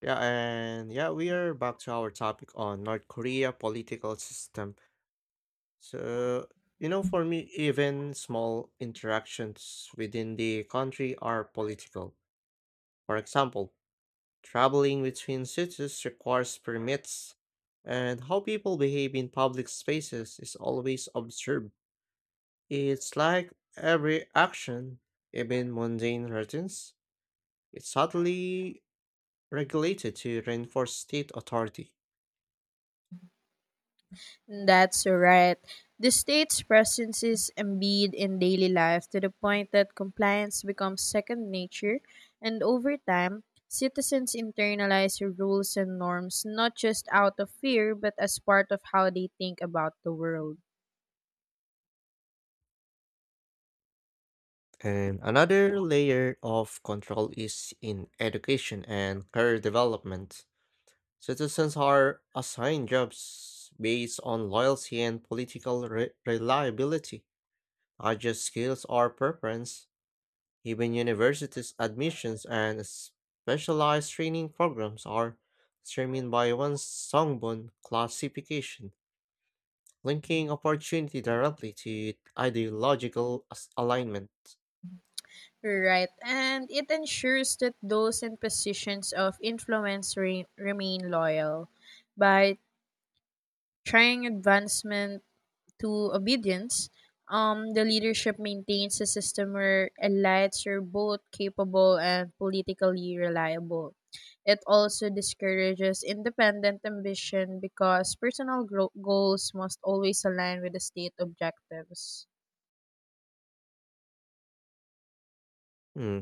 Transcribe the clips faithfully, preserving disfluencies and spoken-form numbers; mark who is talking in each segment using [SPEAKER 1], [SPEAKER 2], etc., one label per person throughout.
[SPEAKER 1] Yeah, and yeah, we are back to our topic on North Korea political system. So, you know, for me, even small interactions within the country are political. For example, traveling between cities requires permits, and how people behave in public spaces is always observed. It's like every action, even mundane routines, it subtly regulated to reinforce state authority.
[SPEAKER 2] That's right. The state's presence is embedded in daily life to the point that compliance becomes second nature, and over time, citizens internalize rules and norms not just out of fear but as part of how they think about the world.
[SPEAKER 1] And another layer of control is in education and career development. Citizens are assigned jobs based on loyalty and political re- reliability, not just skills or preference. Even universities' admissions and specialized training programs are determined by one Songbon classification, linking opportunity directly to ideological as- alignment.
[SPEAKER 2] Right, and it ensures that those in positions of influence re- remain loyal by trying advancement to obedience, um, the leadership maintains a system where elites are both capable and politically reliable. It also discourages independent ambition because personal gro- goals must always align with the state objectives.
[SPEAKER 1] Hmm.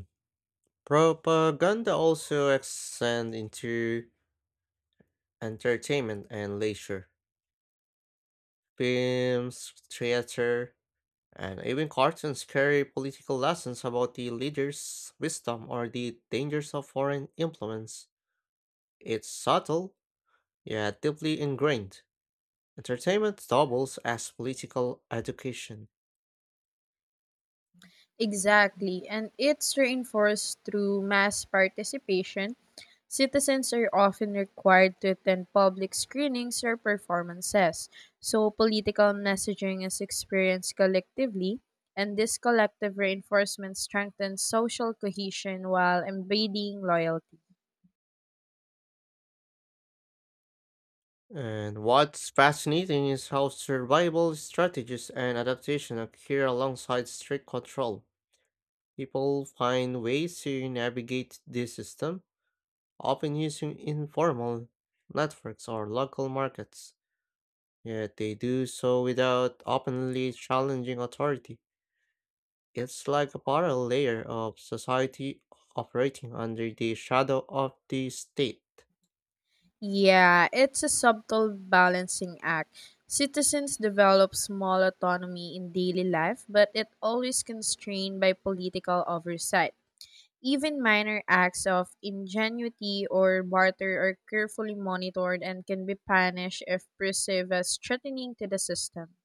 [SPEAKER 1] Propaganda also extends into entertainment and leisure. Films, theater, and even cartoons carry political lessons about the leader's wisdom or the dangers of foreign influence. It's subtle, yeah, deeply ingrained. Entertainment doubles as political education.
[SPEAKER 2] Exactly, and it's reinforced through mass participation. Citizens are often required to attend public screenings or performances, so political messaging is experienced collectively, and this collective reinforcement strengthens social cohesion while embedding loyalty.
[SPEAKER 1] And what's fascinating is how survival strategies and adaptation occur alongside strict control. People find ways to navigate this system, often using informal networks or local markets. Yet they do so without openly challenging authority. It's like a parallel layer of society operating under the shadow of the state.
[SPEAKER 2] Yeah, it's a subtle balancing act. Citizens develop small autonomy in daily life, but it always constrained by political oversight. Even minor acts of ingenuity or barter are carefully monitored and can be punished if perceived as threatening to the system.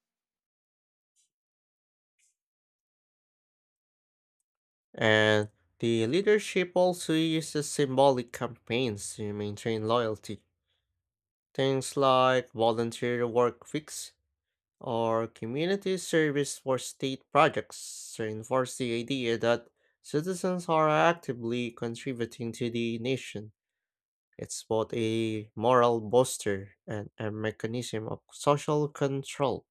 [SPEAKER 1] And the leadership also uses symbolic campaigns to maintain loyalty. Things like volunteer work weeks or community service for state projects reinforce the idea that citizens are actively contributing to the nation. It's both a moral booster and a mechanism of social control.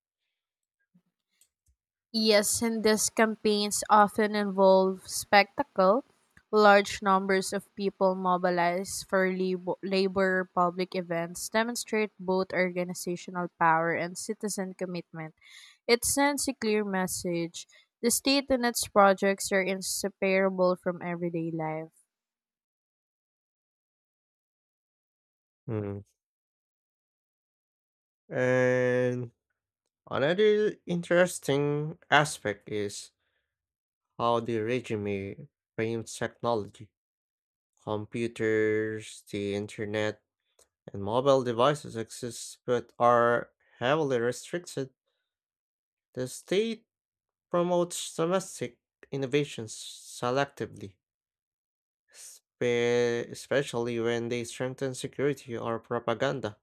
[SPEAKER 2] Yes, and these campaigns often involve spectacle. Large numbers of people mobilized for labo- labor or public events demonstrate both organizational power and citizen commitment. It sends a clear message. The state and its projects are inseparable from everyday life.
[SPEAKER 1] Hmm. And another interesting aspect is how the regime frames technology. Computers, the internet, and mobile devices exist but are heavily restricted. The state promotes domestic innovations selectively, spe- especially when they strengthen security or propaganda,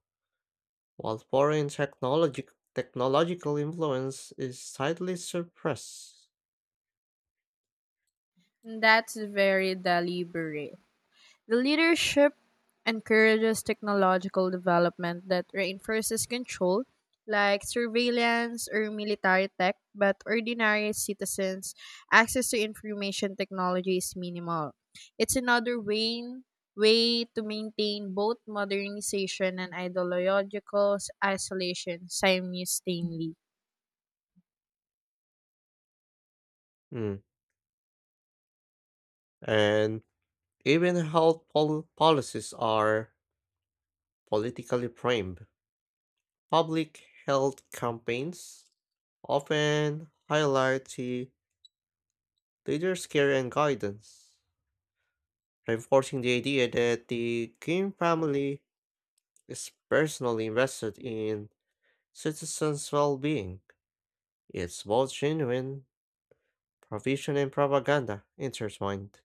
[SPEAKER 1] while foreign technologic technological influence is tightly suppressed.
[SPEAKER 2] That's very deliberate. The leadership encourages technological development that reinforces control, like surveillance or military tech, but ordinary citizens' access to information technology is minimal. It's another way, way to maintain both modernization and ideological isolation simultaneously.
[SPEAKER 1] Mm. And even health pol- policies are politically framed. Public health campaigns often highlight the leader's care and guidance, reinforcing the idea that the Kim family is personally invested in citizens' well being. It's both genuine provision and propaganda intertwined.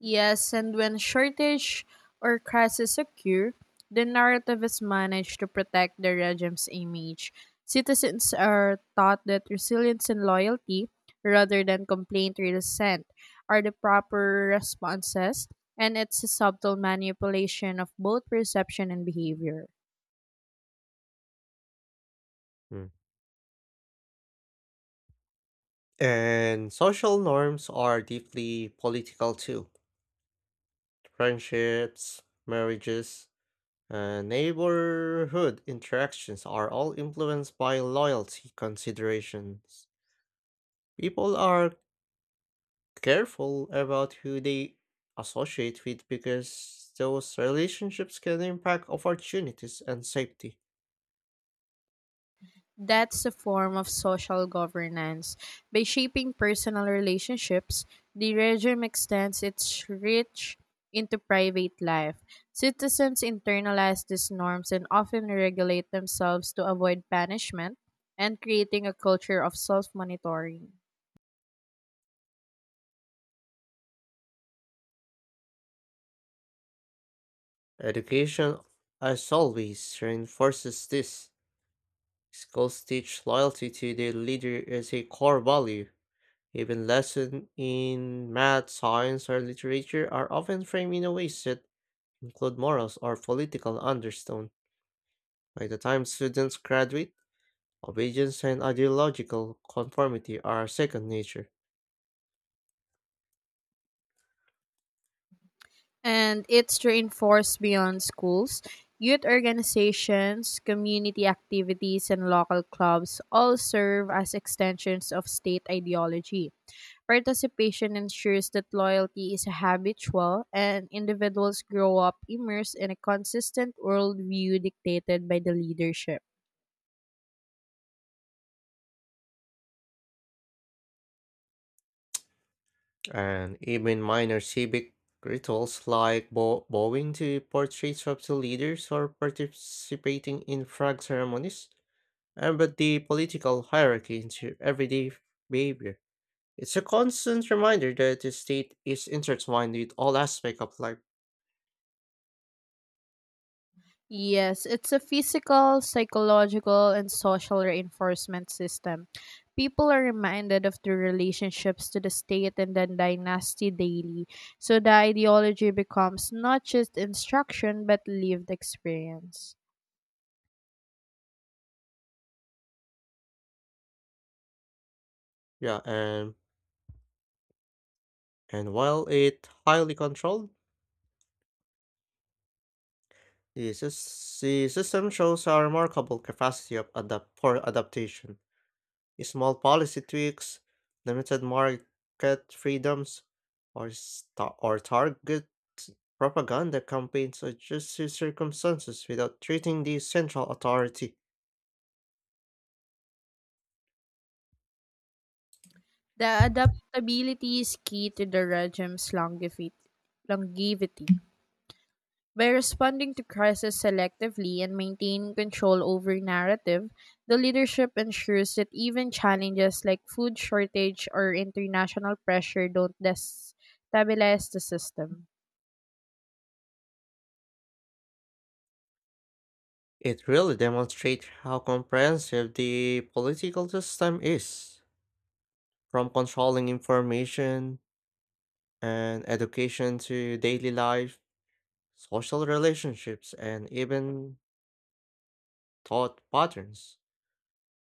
[SPEAKER 2] Yes, and when shortage or crisis occur, the narrative is managed to protect the regime's image. Citizens are taught that resilience and loyalty, rather than complaint or dissent, are the proper responses, and it's a subtle manipulation of both perception and behavior.
[SPEAKER 1] Mm. And social norms are deeply political too. Friendships, marriages, and neighborhood interactions are all influenced by loyalty considerations. People are careful about who they associate with because those relationships can impact opportunities and safety.
[SPEAKER 2] That's a form of social governance. By shaping personal relationships, the regime extends its reach into private life. Citizens internalize these norms and often regulate themselves to avoid punishment and creating a culture of self monitoring.
[SPEAKER 1] Education, as always, reinforces this. Schools teach loyalty to their leader as a core value. Even lessons in math, science, or literature are often framed in a ways that include morals or political undertone. By the time students graduate, obedience and ideological conformity are second nature.
[SPEAKER 2] And it's reinforced beyond schools. Youth organizations, community activities, and local clubs all serve as extensions of state ideology. Participation ensures that loyalty is habitual and individuals grow up immersed in a consistent worldview dictated by the leadership.
[SPEAKER 1] And even minor civic rituals like bow- bowing to portraits of the leaders or participating in flag ceremonies embed the political hierarchy into everyday behavior. It's a constant reminder that the state is intertwined with all aspects of life.
[SPEAKER 2] Yes, it's a physical, psychological, and social reinforcement system. People are reminded of their relationships to the state and the dynasty daily, so the ideology becomes not just instruction but lived experience.
[SPEAKER 1] Yeah, and and while it highly controlled, the, sys- the system shows a remarkable capacity of adapt for adaptation. Small policy tweaks, limited market freedoms, or sta or target propaganda campaigns adjust to circumstances without treating the central authority.
[SPEAKER 2] The adaptability is key to the regime's longevity, longevity. By responding to crisis selectively and maintaining control over narrative, the leadership ensures that even challenges like food shortage or international pressure don't destabilize the system.
[SPEAKER 1] It really demonstrates how comprehensive the political system is, from controlling information and education to daily life, social relationships, and even thought patterns.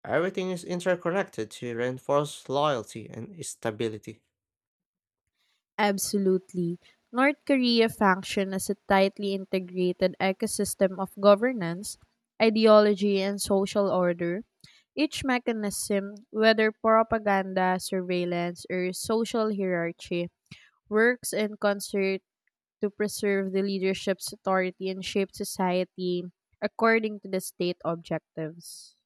[SPEAKER 1] Everything is interconnected to reinforce loyalty and stability.
[SPEAKER 2] Absolutely. North Korea functioned as a tightly integrated ecosystem of governance, ideology, and social order. Each mechanism, whether propaganda, surveillance, or social hierarchy, works in concert to preserve the leadership's authority and shape society according to the state objectives.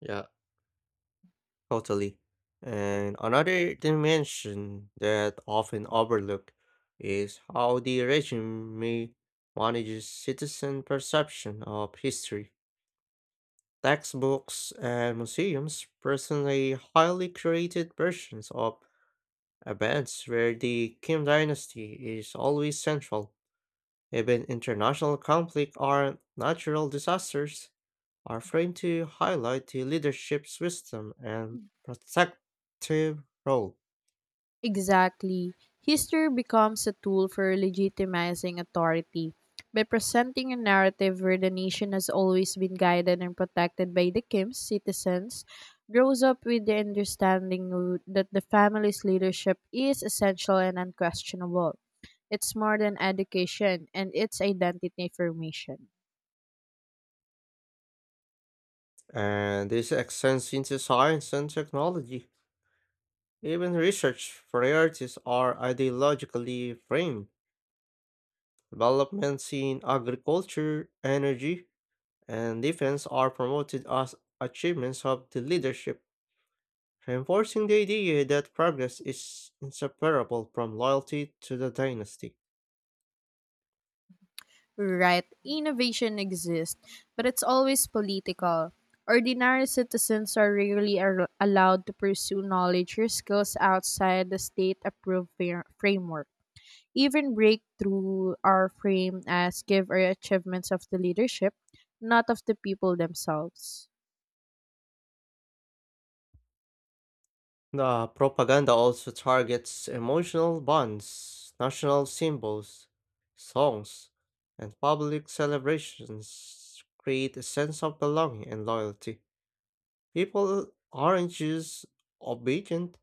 [SPEAKER 1] Yeah, totally. And another dimension that often overlooked is how the regime manages citizen perception of history. Textbooks and museums personally highly created versions of events where the Kim dynasty is always central. Even international conflict or natural disasters are framed to highlight the leadership's wisdom and protective role.
[SPEAKER 2] Exactly. History becomes a tool for legitimizing authority. By presenting a narrative where the nation has always been guided and protected by the Kim's citizens, grows up with the understanding w- that the family's leadership is essential and unquestionable. It's more than education and it's identity formation.
[SPEAKER 1] And this extends into science and technology. Even research priorities are ideologically framed. Developments in agriculture, energy, and defense are promoted as achievements of the leadership, reinforcing the idea that progress is inseparable from loyalty to the dynasty.
[SPEAKER 2] Right, innovation exists, but it's always political. Ordinary citizens are rarely ar- allowed to pursue knowledge or skills outside the state approved fa- framework. Even breakthrough are framed as give or achievements of the leadership, not of the people themselves.
[SPEAKER 1] The propaganda also targets emotional bonds, national symbols, songs, and public celebrations create a sense of belonging and loyalty. People aren't just obedient,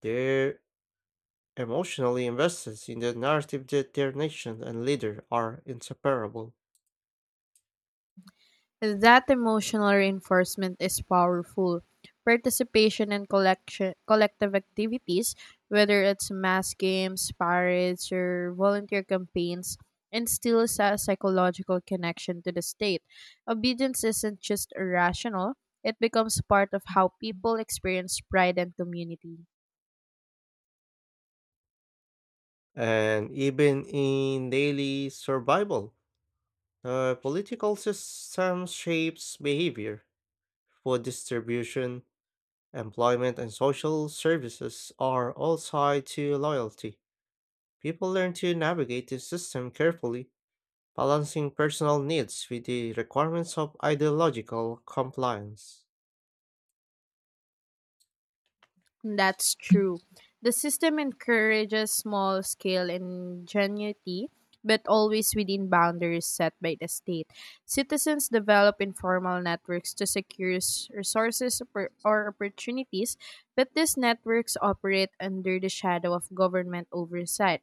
[SPEAKER 1] they're emotionally invested in the narrative that their nation and leader are inseparable.
[SPEAKER 2] That emotional reinforcement is powerful. Participation in collection, collective activities, whether it's mass games, parades, or volunteer campaigns, instills a psychological connection to the state. Obedience isn't just irrational, it becomes part of how people experience pride and community.
[SPEAKER 1] And even in daily survival, the political system shapes behavior, food distribution, employment and social services are all tied to loyalty. People learn to navigate the system carefully, balancing personal needs with the requirements of ideological compliance.
[SPEAKER 2] That's true. The system encourages small scale ingenuity, but always within boundaries set by the state. Citizens develop informal networks to secure s- resources oppor- or opportunities, but these networks operate under the shadow of government oversight.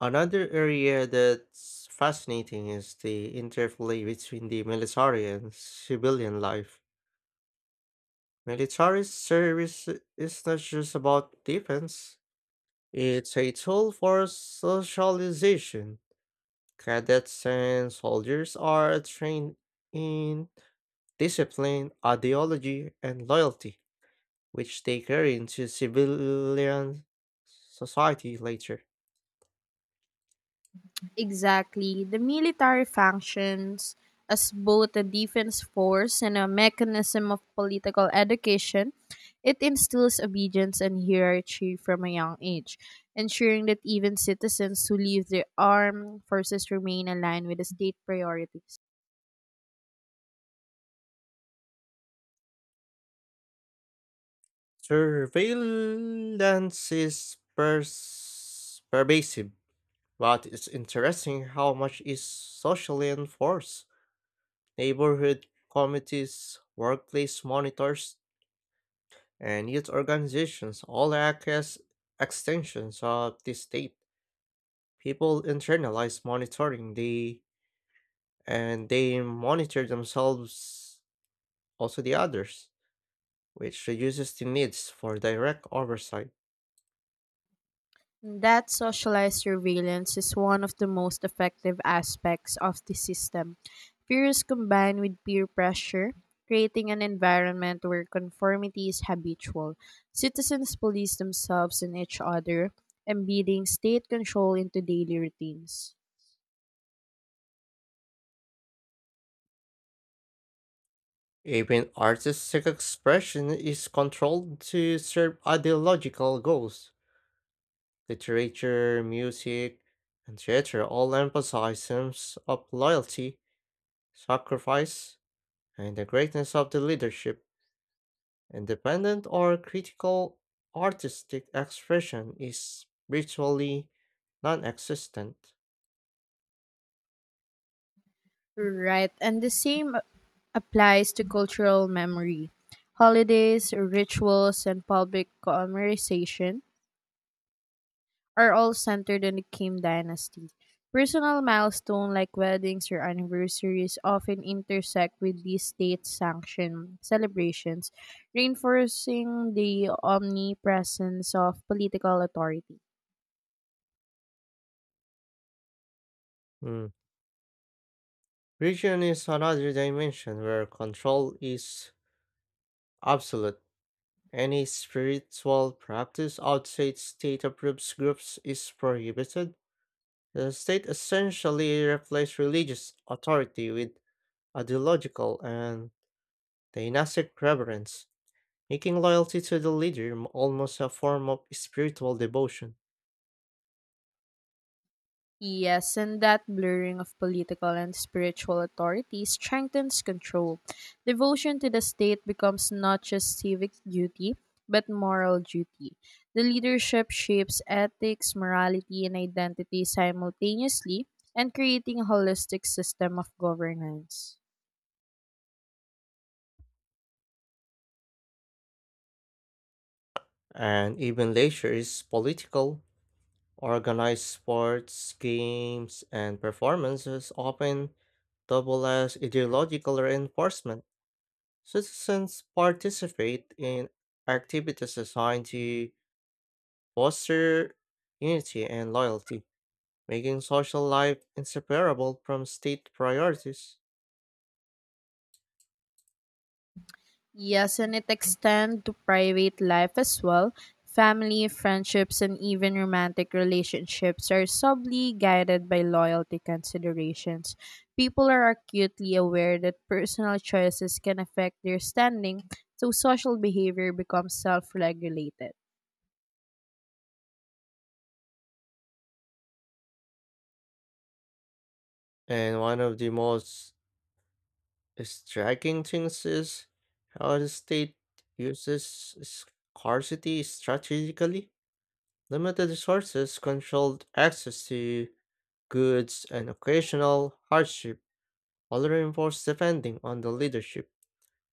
[SPEAKER 1] Another area that's fascinating is the interplay between the military and civilian life. Military service is not just about defense, it's a tool for socialization. Cadets and soldiers are trained in discipline, ideology, and loyalty, which they carry into civilian society later.
[SPEAKER 2] Exactly. The military functions as both a defense force and a mechanism of political education. It instills obedience and hierarchy from a young age, ensuring that even citizens who leave the armed forces remain aligned with the state priorities.
[SPEAKER 1] Surveillance is pers- pervasive, but it's interesting how much is socially enforced. Neighborhood committees, workplace monitors, and youth organizations all act as extensions of the state. People internalize monitoring the and they monitor themselves also the others, which reduces the needs for direct oversight.
[SPEAKER 2] That socialized surveillance is one of the most effective aspects of the system. Fears combined with peer pressure, creating an environment where conformity is habitual. Citizens police themselves and each other, embedding state control into daily routines.
[SPEAKER 1] Even artistic expression is controlled to serve ideological goals. Literature, music, and theater all emphasize themes of loyalty, sacrifice, and the greatness of the leadership. Independent or critical artistic expression is virtually non existent.
[SPEAKER 2] Right, and the same applies to cultural memory. Holidays, rituals, and public conversation are all centered on the Kim dynasty. Personal milestones like weddings or anniversaries often intersect with these state-sanctioned celebrations, reinforcing the omnipresence of political authority.
[SPEAKER 1] Mm. Religion is another dimension where control is absolute. Any spiritual practice outside state approved groups is prohibited. The state essentially replaced religious authority with ideological and dynastic reverence, making loyalty to the leader m- almost a form of spiritual devotion.
[SPEAKER 2] Yes, and that blurring of political and spiritual authority strengthens control. Devotion to the state becomes not just civic duty, but moral duty. The leadership shapes ethics, morality, and identity simultaneously and creating a holistic system of governance.
[SPEAKER 1] And even leisure is political. Organized sports, games, and performances often double as ideological reinforcement. Citizens participate in activities designed to foster unity and loyalty, making social life inseparable from state priorities.
[SPEAKER 2] Yes, and it extends to private life as well. Family, friendships, and even romantic relationships are subtly guided by loyalty considerations. People are acutely aware that personal choices can affect their standing, so social behavior becomes self regulated.
[SPEAKER 1] And one of the most striking things is how the state uses scarcity strategically. Limited resources, controlled access to goods, and occasional hardship all reinforce depending on the leadership.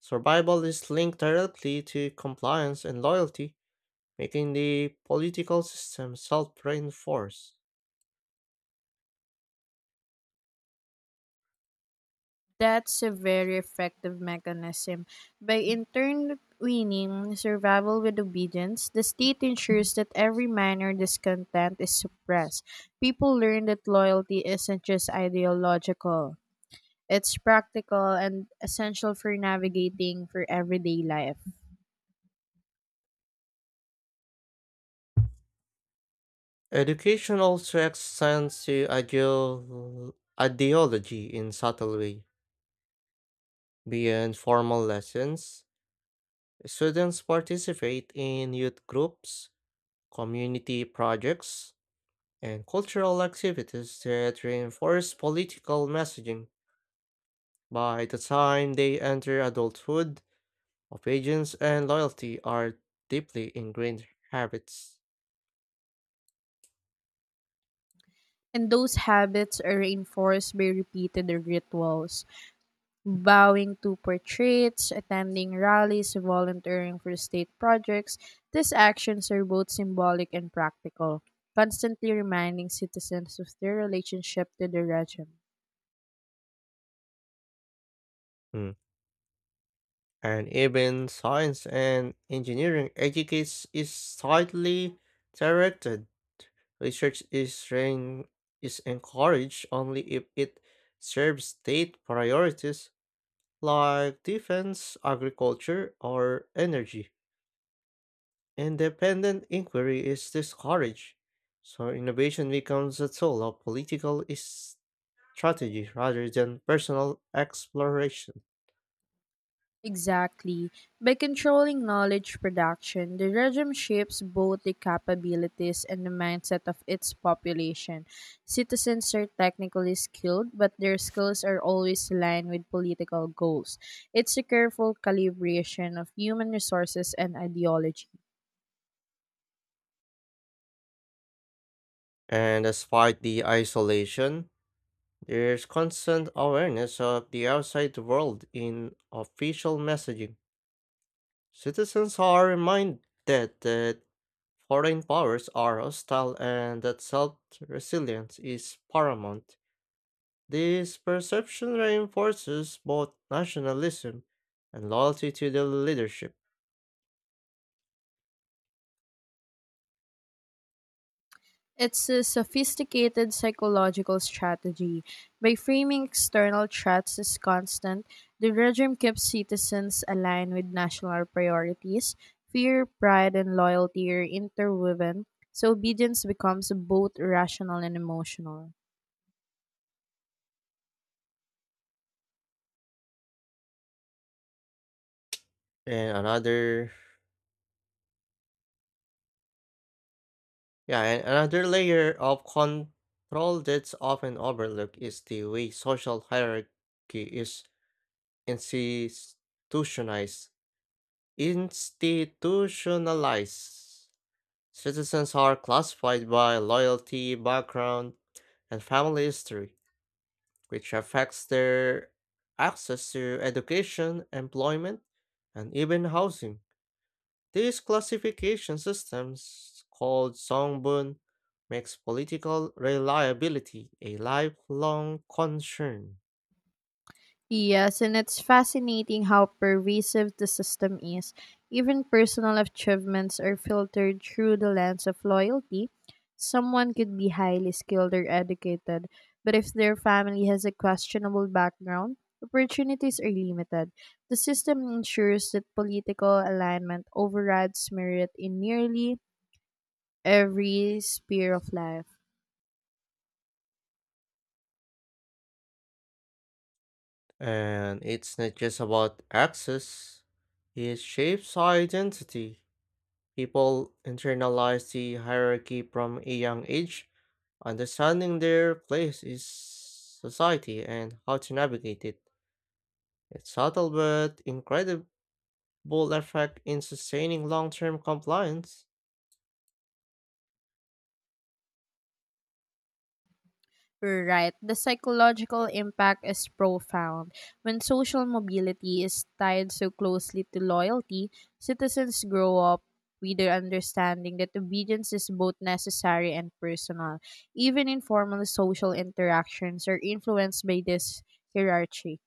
[SPEAKER 1] Survival is linked directly to compliance and loyalty, making the political system self reinforce.
[SPEAKER 2] That's a very effective mechanism. By intertwining survival with obedience, the state ensures that every minor discontent is suppressed. People learn that loyalty isn't just ideological, it's practical and essential for navigating for everyday life.
[SPEAKER 1] Education also extends to ideol- ideology in subtle way. Beyond formal lessons, students participate in youth groups, community projects, and cultural activities that reinforce political messaging. By the time they enter adulthood, obedience and loyalty are deeply ingrained habits.
[SPEAKER 2] And those habits are reinforced by repeated rituals: bowing to portraits, attending rallies, volunteering for state projects. These actions are both symbolic and practical, constantly reminding citizens of their relationship to the region.
[SPEAKER 1] And even science and engineering educates is slightly directed. Research is rein- is encouraged only if it serves state priorities like defense, agriculture, or energy. Independent inquiry is discouraged, so innovation becomes a tool of political is- strategy rather than personal exploration.
[SPEAKER 2] Exactly. By controlling knowledge production, the regime shapes both the capabilities and the mindset of its population. Citizens are technically skilled, but their skills are always aligned with political goals. It's a careful calibration of human resources and ideology.
[SPEAKER 1] And despite the isolation, there's constant awareness of the outside world in official messaging. Citizens are reminded that foreign powers are hostile and that self resilience is paramount. This perception reinforces both nationalism and loyalty to the leadership.
[SPEAKER 2] It's a sophisticated psychological strategy. By framing external threats as constant, the regime keeps citizens aligned with national priorities. Fear, pride, and loyalty are interwoven, so obedience becomes both rational and emotional.
[SPEAKER 1] And another yeah, and another layer of control that's often overlooked is the way social hierarchy is institutionalized institutionalized. Citizens are classified by loyalty background and family history, which affects their access to education, employment, and even housing. These classification systems called songbun makes political reliability a lifelong concern.
[SPEAKER 2] Yes, and it's fascinating how pervasive the system is. Even personal achievements are filtered through the lens of loyalty. Someone could be highly skilled or educated, but if their family has a questionable background, opportunities are limited. The system ensures that political alignment overrides merit in nearly every sphere of life.
[SPEAKER 1] And it's not just about access, it shapes identity. People internalize the hierarchy from a young age, understanding their place in society and how to navigate it. It's subtle but incredible effect in sustaining long term compliance.
[SPEAKER 2] Right. The psychological impact is profound. When social mobility is tied so closely to loyalty, citizens grow up with the understanding that obedience is both necessary and personal. Even informal social interactions are influenced by this hierarchy.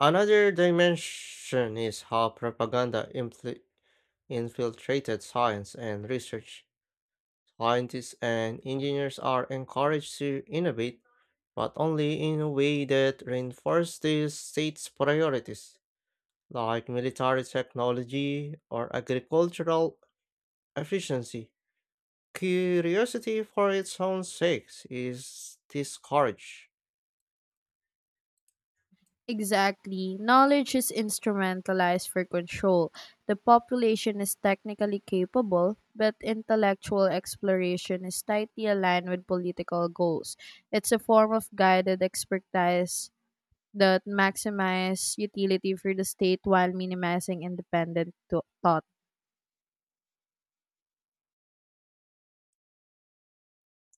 [SPEAKER 1] Another dimension is how propaganda infl- infiltrated science and research. Scientists and engineers are encouraged to innovate but only in a way that reinforces the state's priorities, like military technology or agricultural efficiency. Curiosity for its own sake is discouraged.
[SPEAKER 2] Exactly. Knowledge is instrumentalized for control. The population is technically capable, but intellectual exploration is tightly aligned with political goals. It's a form of guided expertise that maximizes utility for the state while minimizing independent to- thought.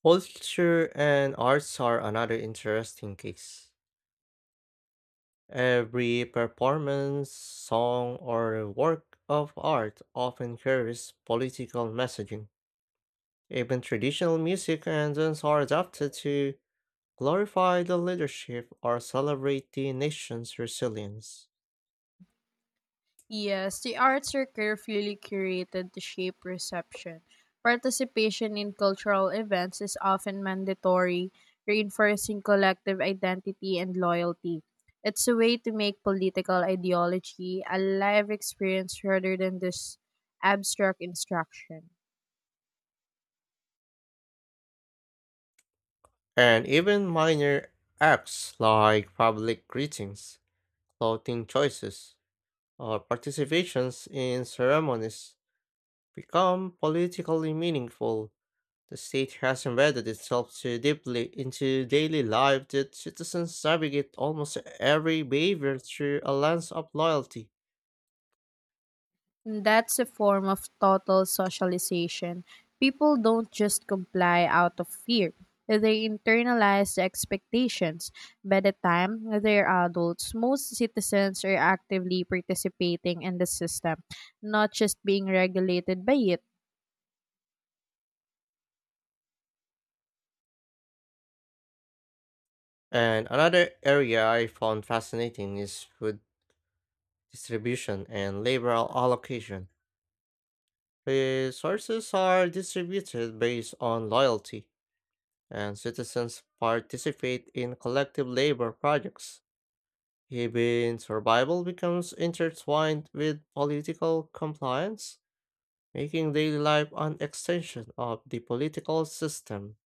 [SPEAKER 1] Culture and arts are another interesting case. Every performance, song, or work of art often carries political messaging. Even traditional music and dance are adapted to glorify the leadership or celebrate the nation's resilience.
[SPEAKER 2] Yes, the arts are carefully curated to shape reception. Participation in cultural events is often mandatory, reinforcing collective identity and loyalty. It's a way to make political ideology a live experience rather than this abstract instruction.
[SPEAKER 1] And even minor acts like public greetings, clothing choices, or participations in ceremonies become politically meaningful. The state has embedded itself so deeply into daily life that citizens navigate almost every behavior through a lens of loyalty.
[SPEAKER 2] That's a form of total socialization. People don't just comply out of fear, they internalize the expectations. By the time they're adults, most citizens are actively participating in the system, not just being regulated by it.
[SPEAKER 1] And another area I found fascinating is food distribution, and liberal allocation. Resources are distributed based on loyalty, and citizens participate in collective labor projects. Even survival becomes intertwined with political compliance, making daily life an extension of the political system.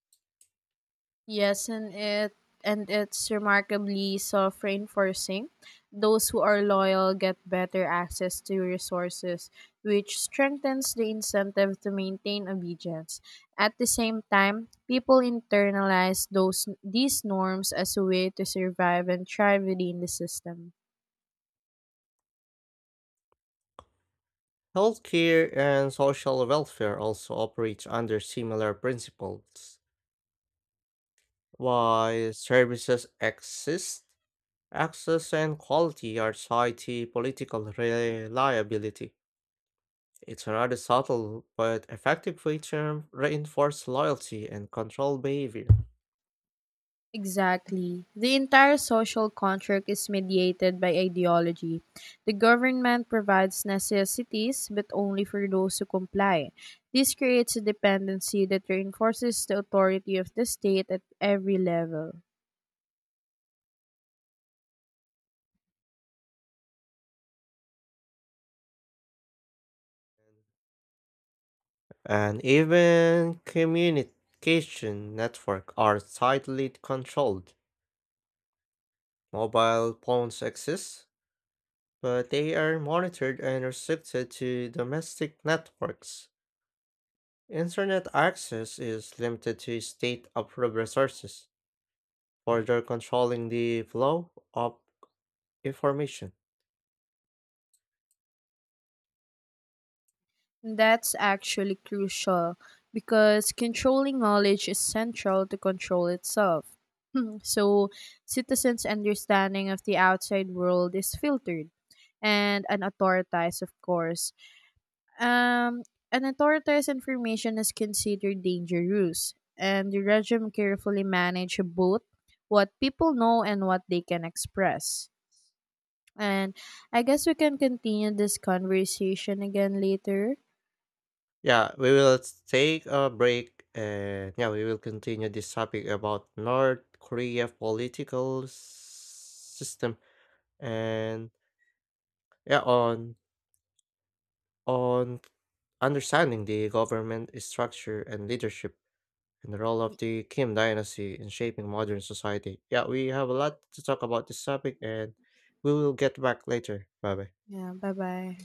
[SPEAKER 2] Yes, and it and it's remarkably self-reinforcing. Those who are loyal get better access to resources, which strengthens the incentive to maintain obedience. At the same time, people internalize those these norms as a way to survive and thrive within the system.
[SPEAKER 1] Healthcare and social welfare also operate under similar principles. While services exist, access and quality are tied to political reliability. It's a rather subtle but effective way to reinforce loyalty and control behavior.
[SPEAKER 2] Exactly. The entire social contract is mediated by ideology. The government provides necessities, but only for those who comply. This creates a dependency that reinforces the authority of the state at every level.
[SPEAKER 1] And even communication networks are tightly controlled. Mobile phones exist, but they are monitored and restricted to domestic networks. Internet access is limited to state-approved resources, further controlling the flow of information.
[SPEAKER 2] That's actually crucial because controlling knowledge is central to control itself. So, citizens' understanding of the outside world is filtered and unauthorized, of course. Um, an authoritarian's information is considered dangerous, and the regime carefully manage both what people know and what they can express. And I guess we can continue this conversation again later.
[SPEAKER 1] Yeah, we will take a break and yeah, we will continue this topic about North Korea political s- system and yeah, on on understanding the government structure and leadership and the role of the Kim dynasty in shaping modern society. Yeah, we have a lot to talk about this topic and we will get back later. Bye bye.
[SPEAKER 2] Yeah, bye bye.